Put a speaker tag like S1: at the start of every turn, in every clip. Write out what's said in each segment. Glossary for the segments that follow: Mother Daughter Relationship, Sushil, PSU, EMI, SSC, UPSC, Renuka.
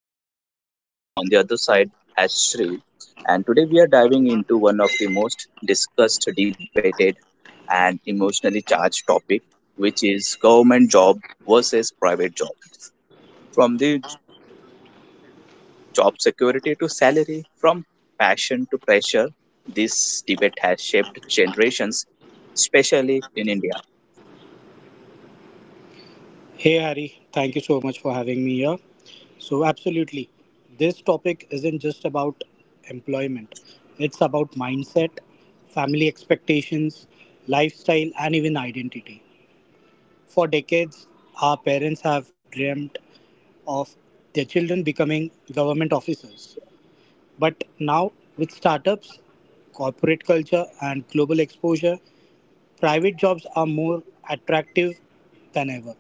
S1: and we have on the other side as Sri. And today, we are diving into one of the most discussed, debated, and emotionally charged topic, which is government job versus private job. From the job security to salary, from passion to pressure, this debate has shaped generations, especially in India.
S2: Hey Harry, thank you so much for having me here. So, absolutely, this topic isn't just about employment, it's about mindset, family expectations, lifestyle, and even identity. For decades, our parents have dreamt of their children becoming government officers. But now, with startups, corporate culture, and global exposure, private jobs are more attractive than ever.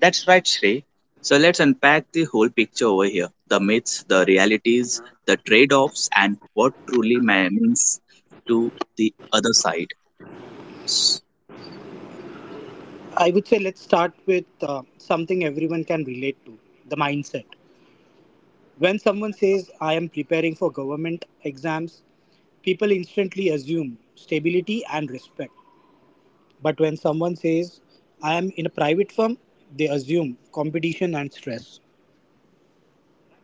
S1: That's right, Shrey. So let's unpack the whole picture over here the myths, the realities, the trade offs, and what truly means to the other side. S-
S2: I would say let's start with something everyone can relate to the mindset. When someone says, I am preparing for government exams, people instantly assume stability and respect. But when someone says, I am in a private firm, they assume competition and stress.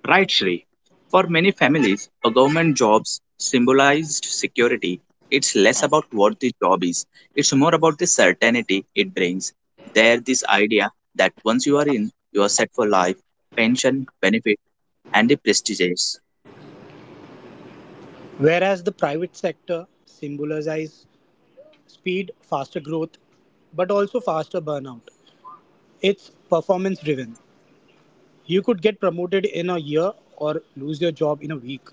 S1: Right, Shrey. For many families, a government job's symbolized security. It's less about what the job is, it's more about the certainty it brings. There, this idea that once you are in, you are set for life, pension, benefit, and the prestige.
S2: Whereas the private sector symbolizes speed, faster growth, but also faster burnout. It's performance driven. You could get promoted in a year or lose your job in a week.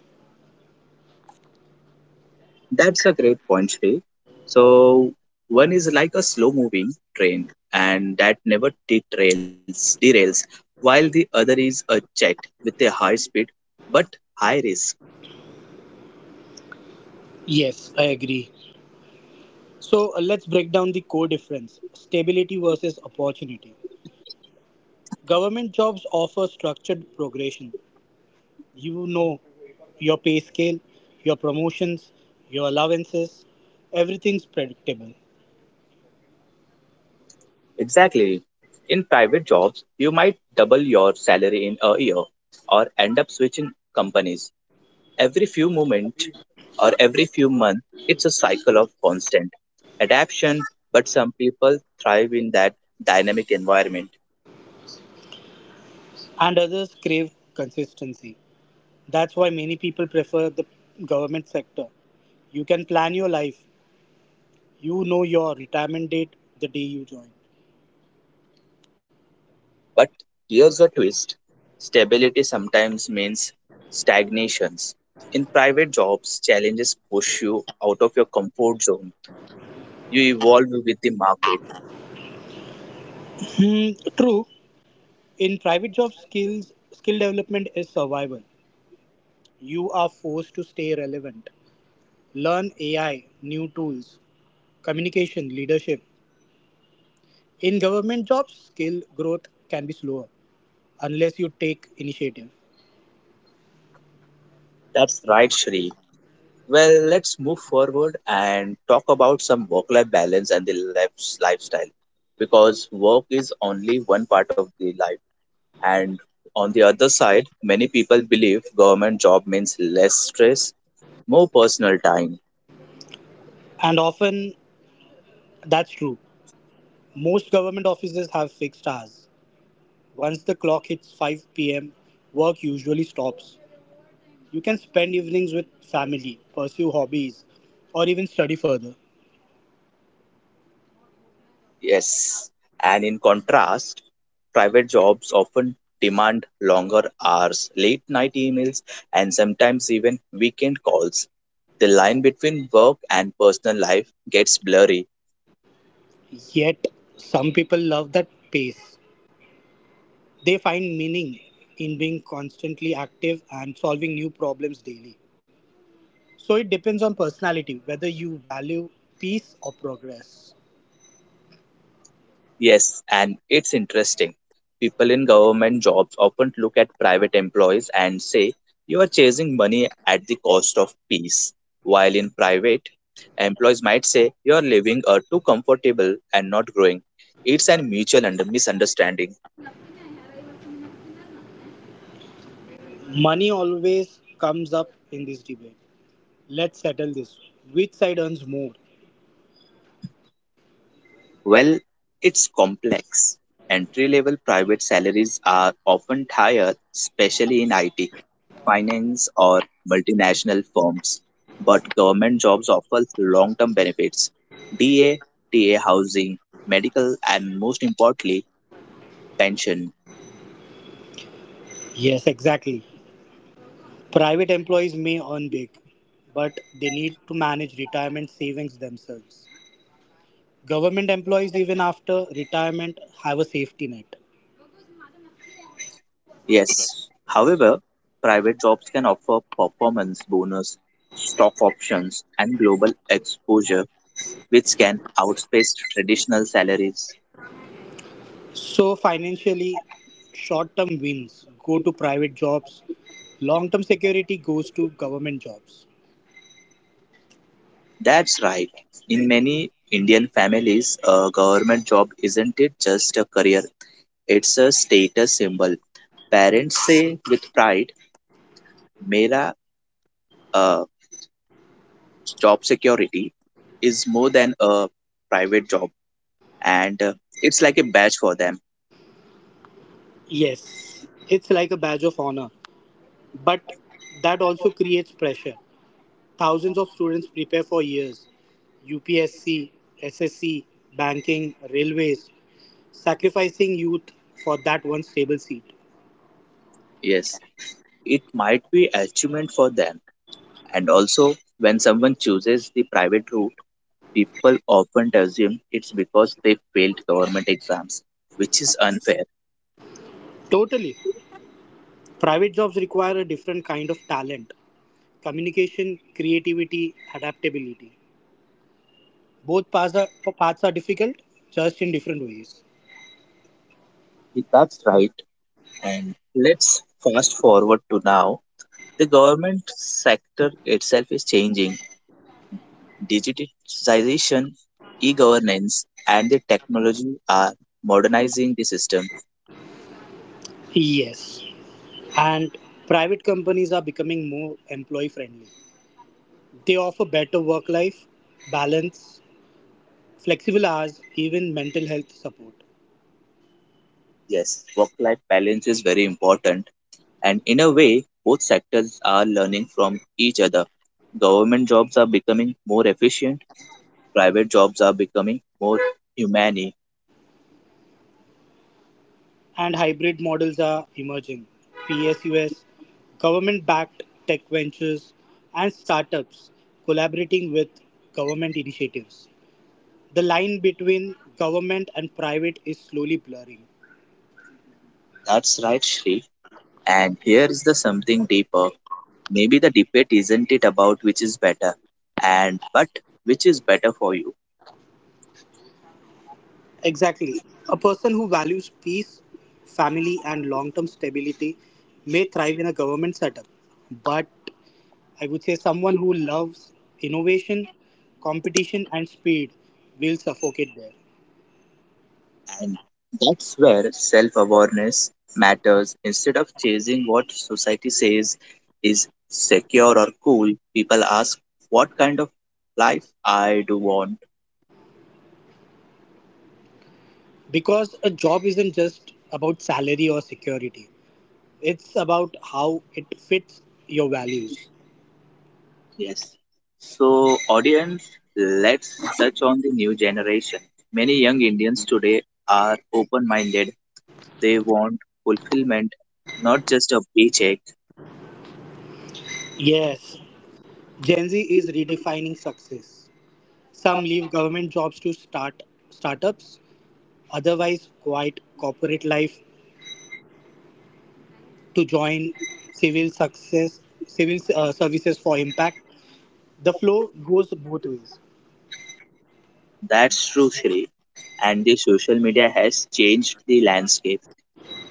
S1: That's a great point, Shrey. So one is like a slow moving train and that never derails, while the other is a jet with a high speed but high risk.
S2: Yes, I agree. So let's break down the core difference stability versus opportunity. Government jobs offer structured progression. You know your pay scale, your promotions, your allowances, everything's predictable.
S1: Exactly. In private jobs, you might double your salary in a year or end up switching companies. Every few moments or every few months, it's a cycle of constant adaptation, but some people thrive in that dynamic environment.
S2: And others crave consistency. That's why many people prefer the government sector. You can plan your life, you know your retirement date the day you join.
S1: But here's the twist stability sometimes means stagnations. In private jobs, challenges push you out of your comfort zone. You evolve with the market.
S2: Hmm, true. In private jobs, skill development is survival. You are forced to stay relevant. Learn AI, new tools, communication, leadership. In government jobs, skill growth can be slower unless you take initiative.
S1: That's right, Shri. Well, let's move forward and talk about some work life balance and the life's lifestyle because work is only one part of the life. And on the other side, many people believe government job means less stress, more personal time.
S2: And often that's true. Most government offices have fixed hours. Once the clock hits 5 p.m., work usually stops. You can spend evenings with family, pursue hobbies, or even study further.
S1: Yes. And in contrast, private jobs often demand longer hours, late night emails, and sometimes even weekend calls. The line between work and personal life gets blurry.
S2: Yet, some people love that pace. They find meaning in being constantly active and solving new problems daily. So it depends on personality whether you value peace or progress.
S1: Yes, and it's interesting. People in government jobs often look at private employees and say, you are chasing money at the cost of peace. While in private, employees might say, you are living too comfortable and not growing. It's a mutual misunderstanding.
S2: Money always comes up in this debate. Let's settle this. Which side earns more?
S1: Well, it's complex. Entry level private salaries are often higher, especially in IT, finance or multinational firms, but government jobs offer long term benefits DA, TA housing, medical, and most importantly, pension.
S2: Yes, exactly. Private employees may earn big, but they need to manage retirement savings themselves. Government employees, even after retirement, have a safety net.
S1: Yes, however, private jobs can offer performance bonus, stock options, and global exposure, which can outpace traditional salaries.
S2: So financially, short-term wins go to private jobs, long-term security goes to government jobs.
S1: That's right. In many Indian families, a government job isn't it just a career, it's a status symbol. Parents say with pride, Mera uh, job security is more than a private job, and it's like a badge for them.
S2: Yes, it's like a badge of honor, but that also creates pressure. Thousands of students prepare for years: UPSC, SSC, banking, railways, sacrificing youth for that one stable seat.
S1: Yes, it might be achievement for them, and also when someone chooses the private route, people often assume it's because they failed government exams, which is unfair.
S2: Totally. Private jobs require a different kind of talent: communication, creativity, adaptability. Both paths are difficult, just in different ways.
S1: That's right. And let's fast forward to now. The government sector itself is changing. Digitization, e-governance, and the technology are modernizing the system.
S2: Yes. And private companies are becoming more employee friendly. They offer better work life balance, flexible hours, even mental health support.
S1: Yes, work-life balance is very important, and in a way, both sectors are learning from each other. Government jobs are becoming more efficient, private jobs are becoming more humane.
S2: And hybrid models are emerging. PSUS, government backed tech ventures, and startups collaborating with government initiatives. The line between government and private is slowly blurring.
S1: That's right, Shri. And here is the something deeper. Maybe the debate isn't it about which is better, and but which is better for you.
S2: Exactly. A person who values peace, family, and long term stability may thrive in a government setup. But I would say someone who loves innovation, competition, and speed will suffocate there.
S1: And that's where self awareness matters. Instead of chasing what society says is secure or cool, people ask, what kind of life I do want?
S2: Because a job isn't just about salary or security, it's about how it fits your values.
S1: Yes. So, audience, let's touch on the new generation. Many young Indians today are open minded. They want fulfillment, not just a paycheck.
S2: Yes, Gen Z is redefining success. Some leave government jobs to start startups, otherwise quiet corporate life to join civil success civil services for impact. The flow goes both ways.
S1: That's true, Shri. And the social media has changed the landscape.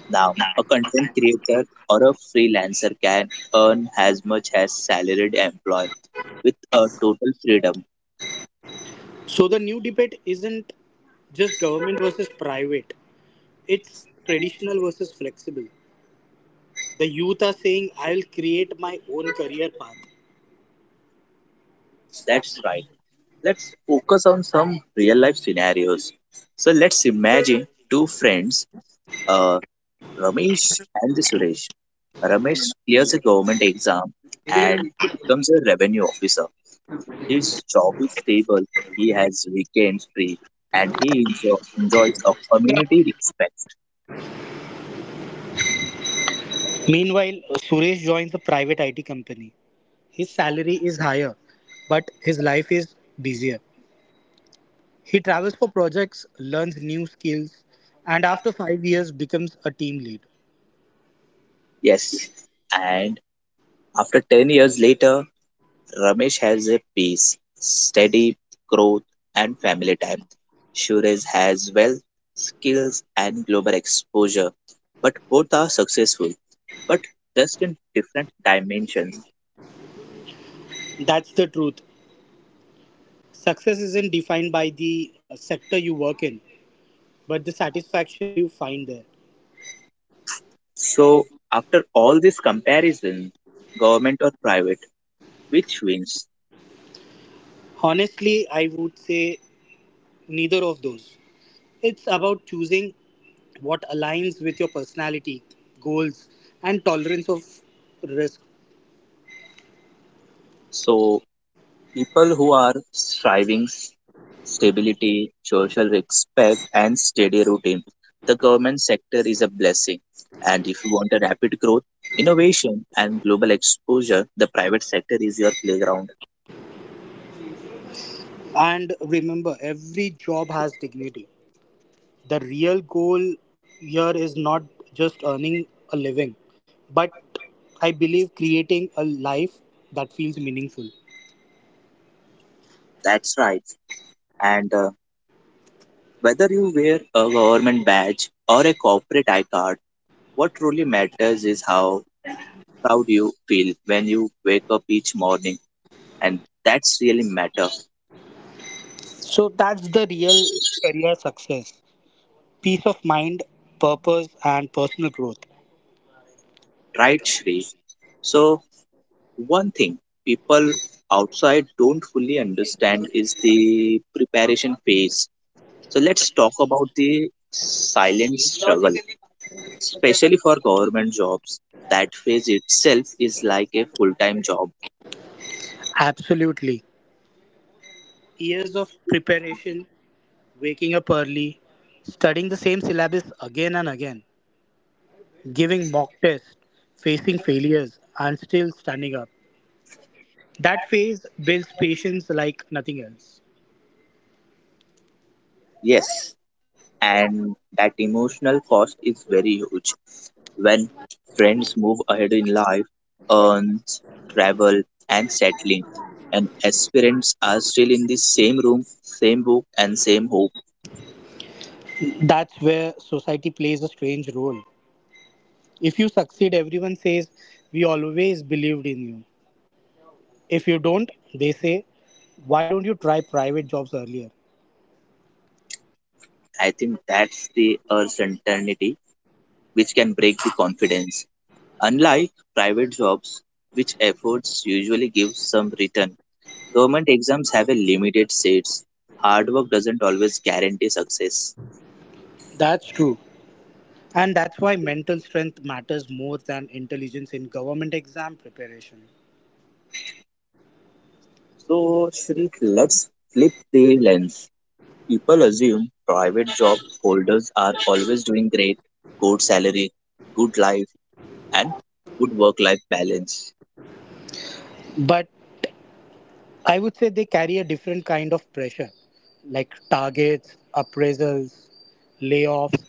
S1: Now, a content creator or a freelancer can earn as much as salaried employee with a total freedom.
S2: So the new debate isn't just government versus private, it's traditional versus flexible. The youth are saying, I'll create my own career path.
S1: That's right. Let's focus on some real life scenarios. So let's imagine two friends, uh, Ramesh and the Suresh. Ramesh clears a government exam and becomes a revenue officer. His job is stable, he has weekends free, and he enjoys a community respect.
S2: Meanwhile, Suresh joins a private IT company. His salary is higher, but his life is busier. He travels for projects, learns new skills, and after 5 years becomes a team lead.
S1: Yes, and after 10 years later, Ramesh has a peace, steady growth, and family time. Suresh has wealth, skills, and global exposure, but both are successful, but just in different dimensions.
S2: That's the truth. Success isn't defined by the sector you work in, but the satisfaction you find there.
S1: So, after all this comparison, government or private, which wins?
S2: Honestly, I would say neither of those. It's about choosing what aligns with your personality, goals, and tolerance of risk.
S1: So, people who are striving stability, social respect, and steady routine. The government sector is a blessing. And if you want a rapid growth, innovation, and global exposure, the private sector is your playground.
S2: And remember, every job has dignity. The real goal here is not just earning a living, but I believe creating a life that feels meaningful.
S1: That's right. And whether you wear a government badge or a corporate I card, what truly matters is how proud you feel when you wake up each morning. And that's really matter,
S2: So that's the real career success. Peace of mind, purpose, and personal growth.
S1: right, Shri? So, one thing people outside don't fully understand is the preparation phase. So let's talk about the silent struggle, especially for government jobs. That phase itself is like a full time job.
S2: Absolutely. Years of preparation, waking up early, studying the same syllabus again and again, giving mock tests, facing failures, and still standing up. That phase builds patience like nothing else.
S1: Yes, and that emotional cost is very huge. When friends move ahead in life, earns, travel, and settling, and aspirants are still in the same room, same book, and same hope.
S2: That's where society plays a strange role. If you succeed, everyone says, "We always believed in you." If you don't, they say, "Why don't you try private jobs earlier?"
S1: I think that's the uncertainty which can break the confidence. Unlike private jobs, which efforts usually give some return, government exams have a limited seats. Hard work doesn't always guarantee success.
S2: That's true. And that's why mental strength matters more than intelligence in government exam preparation.
S1: So, Shri, let's flip the lens. People assume private job holders are always doing great, good salary, good life, and good work life balance.
S2: But I would say they carry a different kind of pressure, like targets, appraisals, layoffs,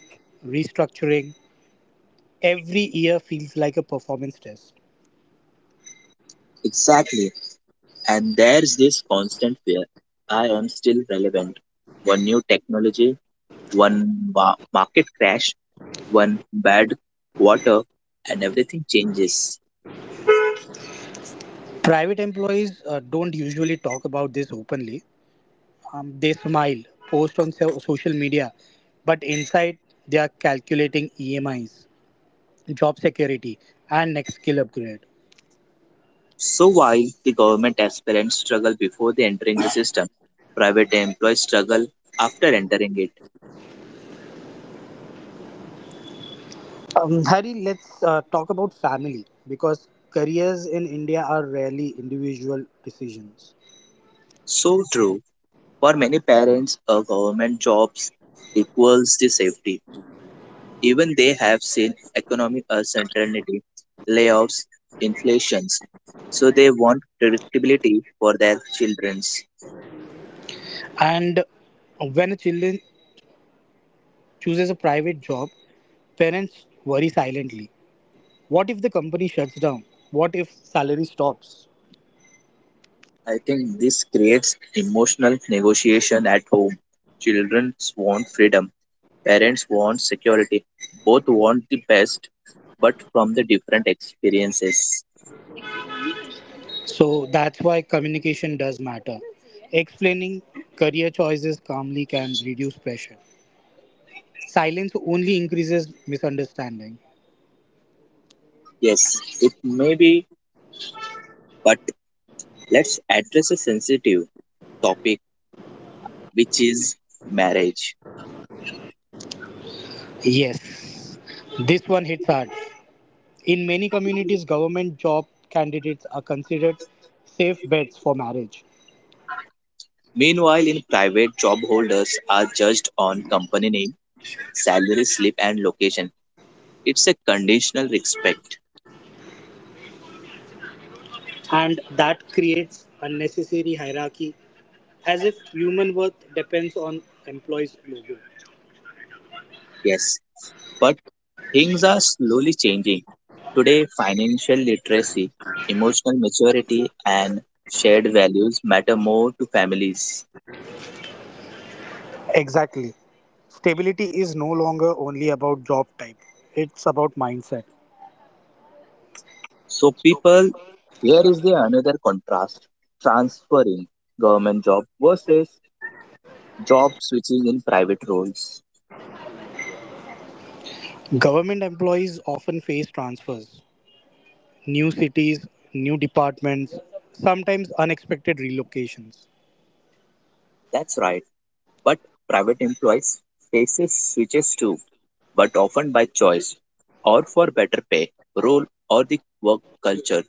S2: restructuring. Every year feels like a performance test.
S1: Exactly. And there's this constant fear I am still relevant. One new technology, one market crash, one bad quarter, and everything changes.
S2: Private employees don't usually talk about this openly. They smile, post on social media, but inside they are calculating EMIs, job security, and next skill upgrade.
S1: So while the government aspirants struggle before they entering the system, private employees struggle after entering it.
S2: Harry, let's talk about family because careers in India are rarely individual decisions.
S1: So true. For many parents, a government job equals the safety. Even they have seen economic uncertainty, layoffs, inflations, so they want predictability for their childrens.
S2: And when a child chooses a private job, parents worry silently. What if the company shuts down? What if salary stops?
S1: I think this creates emotional negotiation at home. Children want freedom, parents want security. Both want the best, but from the different experiences.
S2: So that's why communication does matter. Explaining career choices calmly can reduce pressure. Silence only increases misunderstanding.
S1: Yes, it may be, but let's address a sensitive topic, which is marriage.
S2: Yes, this one hits hard. In many communities, government job candidates are considered safe bets for marriage,
S1: Meanwhile, in private, job holders are judged on company name, salary slip, and location. It's a conditional respect,
S2: and that creates unnecessary hierarchy as if human worth depends on employees' logo.
S1: yes, but things are slowly changing. Today, financial literacy, emotional maturity, and shared values matter more to families.
S2: Exactly. Stability is no longer only about job type, it's about mindset.
S1: So, people, here is the another contrast transferring government job versus job switching in private roles.
S2: Government employees often face transfers, new cities, new departments, sometimes unexpected relocations.
S1: That's right. But private employees faces switches too, but often by choice or for better pay, role or the work culture.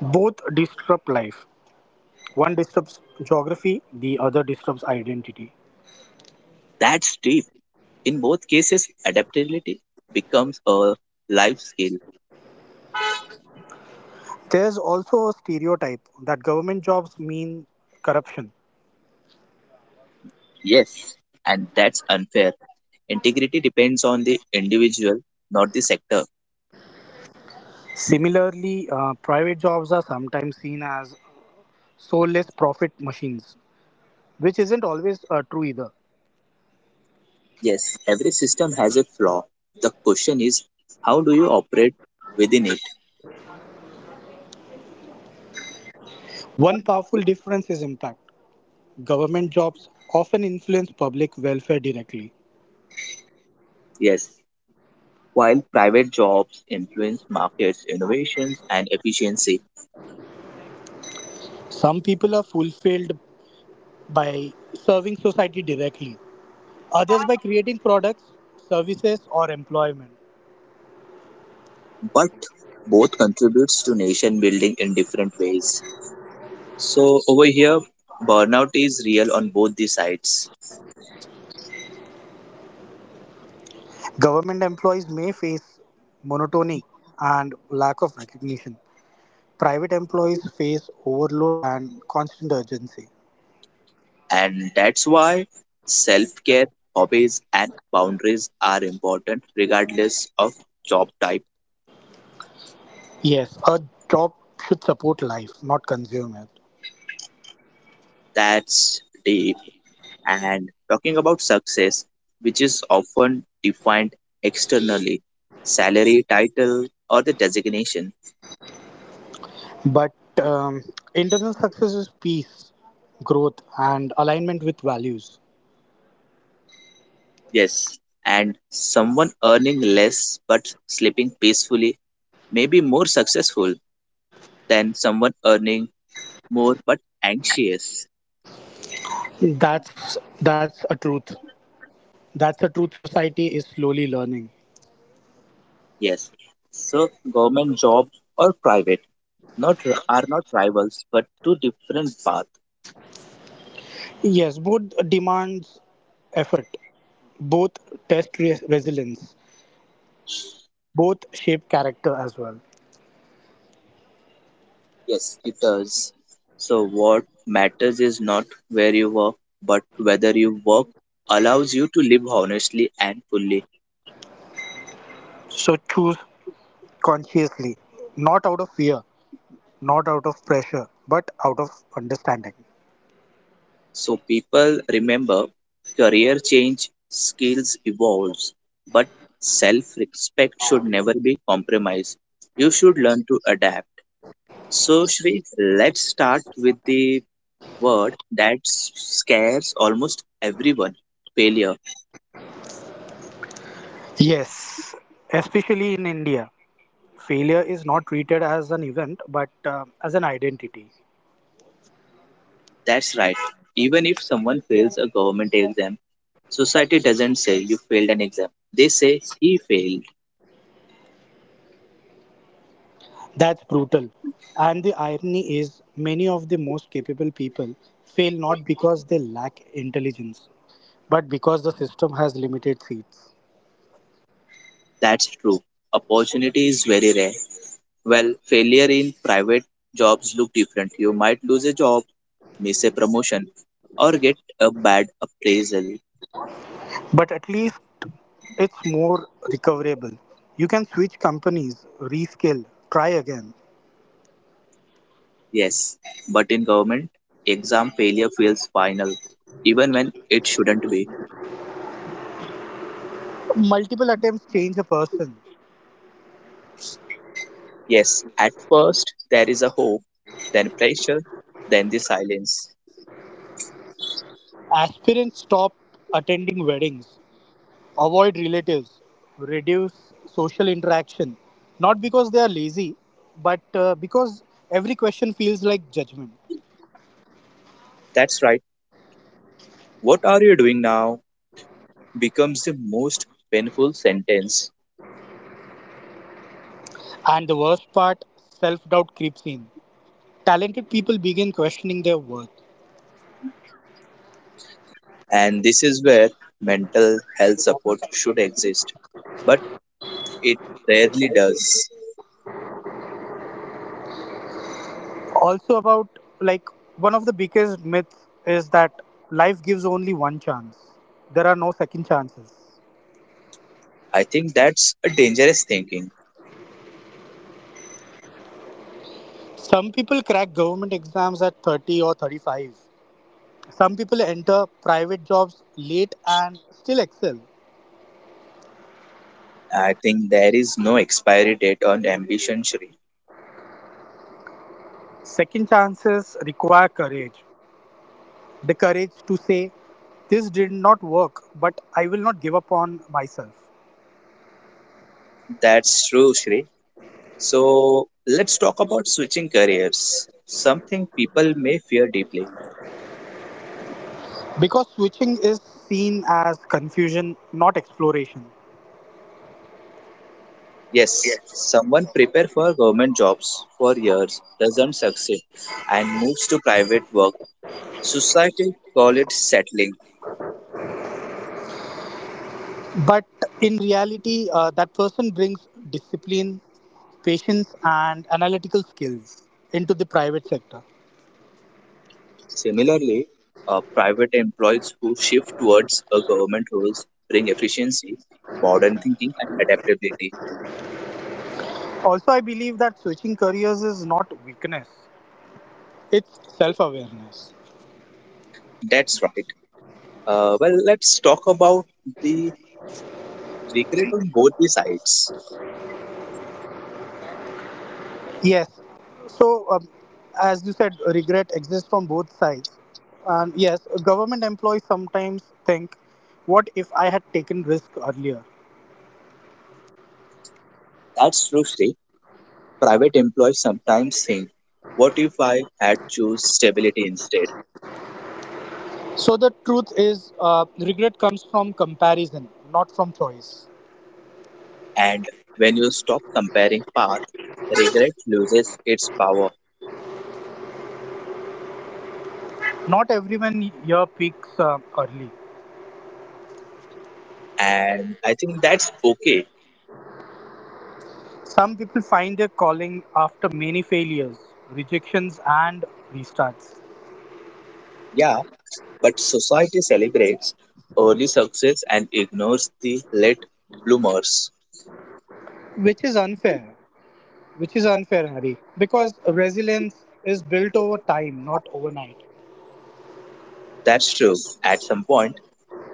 S2: Both disrupt life. One disturbs geography, the other disturbs identity.
S1: That's deep. In both cases, adaptability becomes a life skill.
S2: There's also a stereotype that government jobs mean corruption.
S1: Yes, and that's unfair. Integrity depends on the individual, not the sector.
S2: Similarly, private jobs are sometimes seen as soulless profit machines, which isn't always true either.
S1: Yes, every system has a flaw. The question is, how do you operate within it?
S2: One powerful difference is impact. Government jobs often influence public welfare directly.
S1: Yes, while private jobs influence markets, innovations, and efficiency,
S2: Some people are fulfilled by serving society directly, others by creating products, services, or employment.
S1: but both contributes to nation building in different ways. So over here, burnout is real on both the sides,
S2: Government employees may face monotony and lack of recognition. Private employees face overload and constant urgency.
S1: and that's why self-care, hobbies, and boundaries are important regardless of job type.
S2: Yes, a job should support life, not consume it.
S1: That's deep. And talking about success, which is often defined externally, salary, title, or the designation.
S2: But um, internal success is peace, growth, and alignment with values.
S1: Yes, and someone earning less but sleeping peacefully may be more successful than someone earning more but anxious.
S2: That's a truth. That's a truth. Society is slowly learning.
S1: Yes. So government job or private not are not rivals but two different paths.
S2: Yes, both demands effort. Both test resilience. Both shape character as well.
S1: Yes, it does. So what matters is not where you work but whether you work allows you to live honestly and fully.
S2: So choose consciously, not out of fear, not out of pressure, but out of understanding.
S1: So people remember career change, skills evolves, but self-respect should never be compromised. You should learn to adapt. So Shri, let's start with the word that scares almost everyone, failure.
S2: Yes, especially in India, failure is not treated as an event but as an identity.
S1: That's right. Even if someone fails a government exam, society doesn't say you failed an exam. They say he failed.
S2: That's brutal. And the irony is, many of the most capable people fail not because they lack intelligence, but because the system has limited seats.
S1: That's true. Opportunity is very rare. Well, failure in private jobs look different. You might lose a job, miss a promotion, or get a bad appraisal.
S2: But at least it's more recoverable. You can switch companies, reskill, try again.
S1: Yes, but in government, exam failure feels final, even when it shouldn't be.
S2: Multiple attempts change a person.
S1: Yes, at first there is a hope, then pressure, then the silence.
S2: Aspirants stop attending weddings, avoid relatives, reduce social interaction. Not because they are lazy, but because every question feels like judgment.
S1: That's right. What are you doing now becomes the most painful sentence.
S2: And the worst part self doubt creeps in. Talented people begin questioning their worth.
S1: And this is where mental health support should exist. But it rarely does.
S2: Also, about like one of the biggest myths is that life gives only one chance, there are no second chances.
S1: I think that's a dangerous thinking.
S2: Some people crack government exams at 30 or 35. Some people enter private jobs late and still excel.
S1: I think there is no expiry date on ambition, Shri.
S2: Second chances require courage. The courage to say, "This did not work, but I will not give up on myself."
S1: That's true, Shri. So let's talk about switching careers, something people may fear deeply.
S2: Because switching is seen as confusion, not exploration.
S1: Yes, someone prepare for government jobs for years, doesn't succeed, and moves to private work. Society call it settling.
S2: But in reality, that person brings discipline, patience, and analytical skills into the private sector.
S1: Similarly, private employees who shift towards a government roles bring efficiency, modern thinking, and adaptability.
S2: Also, I believe that switching careers is not weakness, it's self awareness.
S1: That's right. Well, let's talk about the regret on both the sides.
S2: Yes. So, as you said, regret exists from both sides. And yes, government employees sometimes think, what if I had taken risk earlier?
S1: That's true, Sri. Private employees sometimes think, what if I had choose stability instead?
S2: So, the truth is, regret comes from comparison, not from choice.
S1: And when you stop comparing path, regret loses its power.
S2: Not everyone here peaks early.
S1: And I think that's okay.
S2: Some people find their calling after many failures, rejections, and restarts,
S1: Yeah, but society celebrates early success and ignores the late bloomers.
S2: which is unfair. Which is unfair, Harry, because resilience is built over time, not overnight.
S1: That's true. At some point,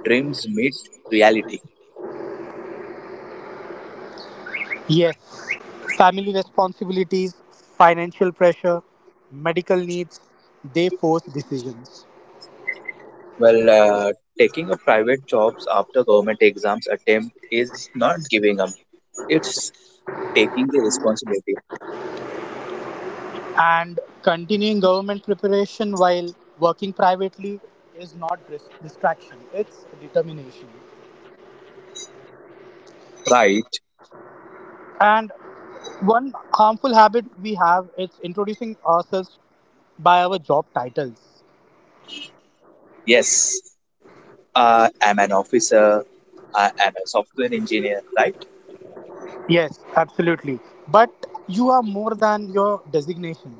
S1: dreams meet reality.
S2: Yes, family responsibilities, financial pressure, medical needs, they force decisions.
S1: Well, taking up private jobs after government exams attempt is not giving up. It's taking the responsibility.
S2: And continuing government preparation while working privately is not distraction, it's determination.
S1: Right?
S2: And one harmful habit we have is introducing ourselves by our job titles.
S1: Yes. I'm an officer. I am a software engineer. Right?
S2: Yes, absolutely. But you are more than your designation.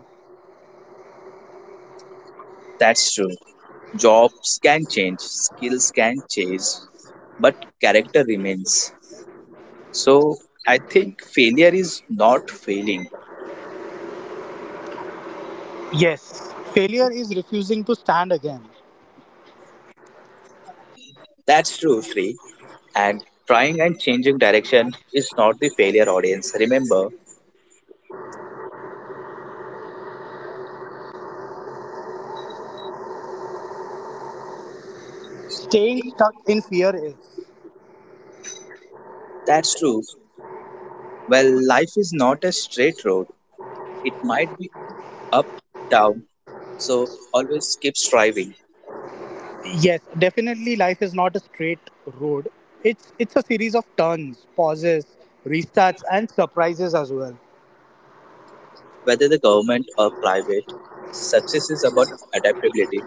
S1: That's true. Jobs can change. Skills can change. But character remains. So I think failure is not failing.
S2: Yes, failure is refusing to stand again.
S1: That's true, Sri. And trying and changing direction is not the failure audience. Remember,
S2: Staying stuck in fear is
S1: that's true. Well, life is not a straight road. It might be up, down. So always keep striving,
S2: yes, definitely life is not a straight road. It's a series of turns, pauses, restarts and surprises as well.
S1: whether the government or private. Success is about adaptability.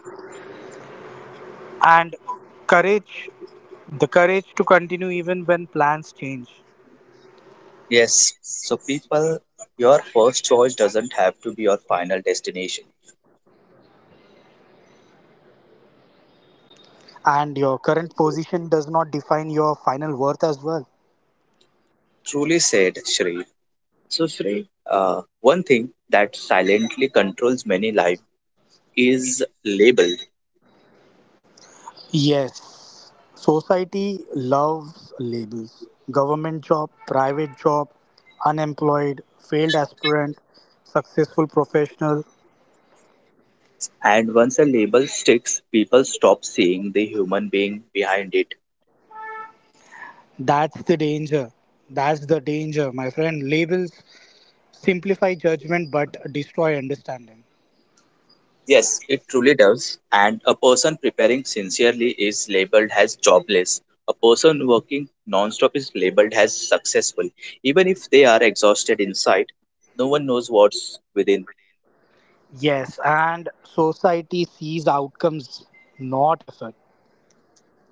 S2: And courage the courage to continue even when plans change.
S1: Yes. So people, your first choice doesn't have to be your final destination.
S2: And your current position does not define your final worth as well.
S1: Truly said, Shri. So, Shrey, one thing that silently controls many life is label.
S2: Yes. Society loves labels. Government job, private job, unemployed, failed aspirant, successful professional.
S1: And once a label sticks, people stop seeing the human being behind it.
S2: That's the danger. That's the danger, my friend. Labels simplify judgment but destroy understanding.
S1: Yes, it truly does. And a person preparing sincerely is labeled as jobless. A person working nonstop is labeled as successful. Even if they are exhausted inside, no one knows what's within.
S2: Yes, and society sees outcomes, not effort.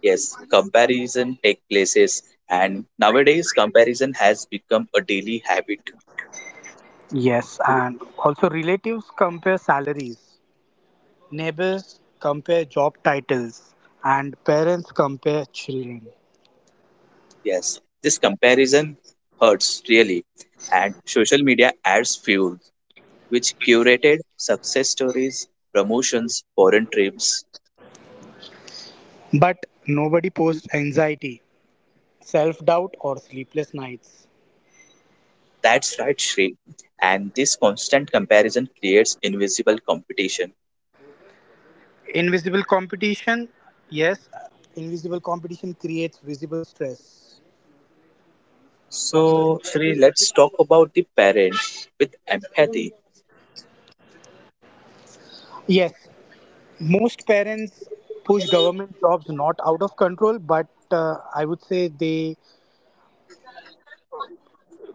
S1: Yes, comparison take places and nowadays comparison has become a daily habit.
S2: Yes, and also relatives compare salaries, neighbors compare job titles, and parents compare children.
S1: Yes, this comparison hurts really, and social media adds fuel, which curated success stories, promotions, foreign trips.
S2: But nobody posts anxiety, self doubt, or sleepless nights.
S1: That's right, Shri. And this constant comparison creates invisible competition.
S2: Invisible competition, yes, invisible competition creates visible stress.
S1: So, Shri, let's talk about the parents with empathy.
S2: Yes, most parents push government jobs not out of control, but I would say they,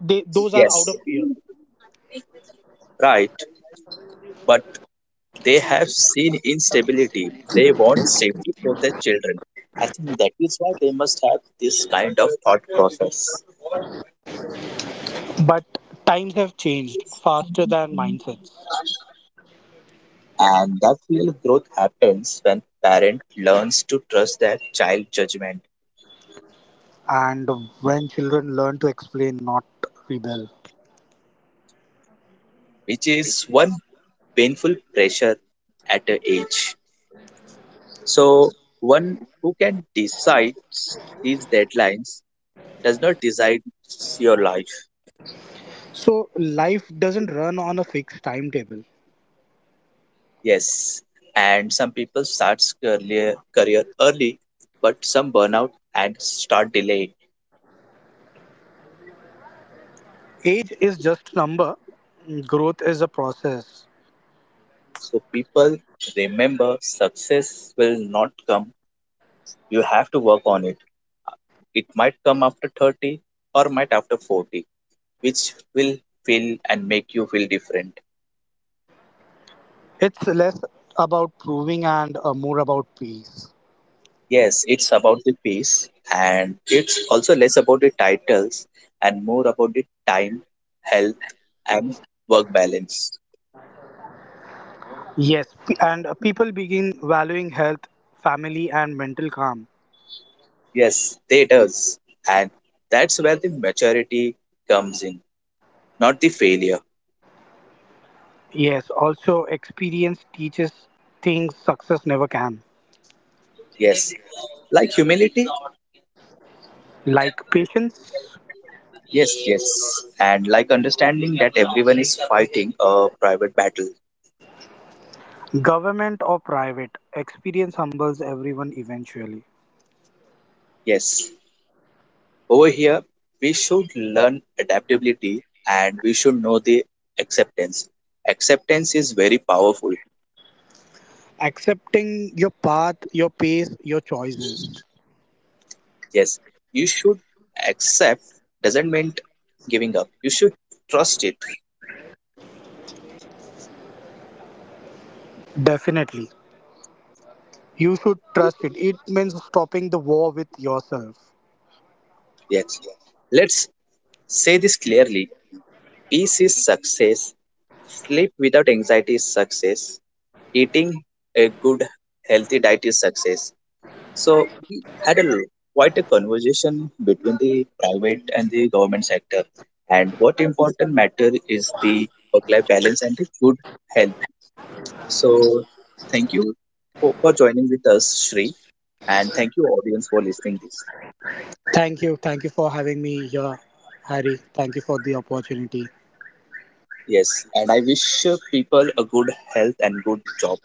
S2: they those are out
S1: Yes,
S2: of fear.
S1: right, but they have seen instability. They want safety for their children. I think that is why they must have this kind of thought process.
S2: But times have changed faster than mindsets,
S1: And that real growth happens when parent learns to trust their child judgment,
S2: and when children learn to explain, not rebel.
S1: which is one painful pressure at a age. So one who can decide these deadlines does not decide your life.
S2: So life doesn't run on a fixed timetable.
S1: Yes. And some people start career early, but some burn out and start delaying.
S2: Age is just a number. Growth is a process.
S1: So people remember success will not come. You have to work on it. It might come after 30 or might after 40, which will feel and make you feel different.
S2: It's less about proving and more about peace.
S1: Yes, it's about the pace and it's also less about the titles and more about the time, health, and work balance.
S2: Yes, and people begin valuing health, family, and mental calm.
S1: Yes, they does. And that's where the maturity comes in, not the failure.
S2: Yes, also experience teaches things success never can,
S1: Yes, like humility.
S2: like patience,
S1: Yes, yes. And like understanding that everyone is fighting a private battle.
S2: government or private. Experience humbles everyone eventually.
S1: Yes, over here, we should learn adaptability and we should know the acceptance. Acceptance is very powerful.
S2: Accepting your path, your pace, your choices.
S1: Yes, you should accept doesn't mean giving up. You should trust it.
S2: Definitely. You should trust it. It means stopping the war with yourself.
S1: Yes. Let's say this clearly. Peace is success. Sleep without anxiety is success. Eating a good healthy diet is success. So we had a quite a conversation between the private and the government sector, and what important matter is the work-life balance and the good health. So thank you for joining with us, Shri, and thank you audience for listening this.
S2: Thank you. Thank you for having me here, Harry. Thank you for the opportunity.
S1: Yes, and I wish people a good health and good job.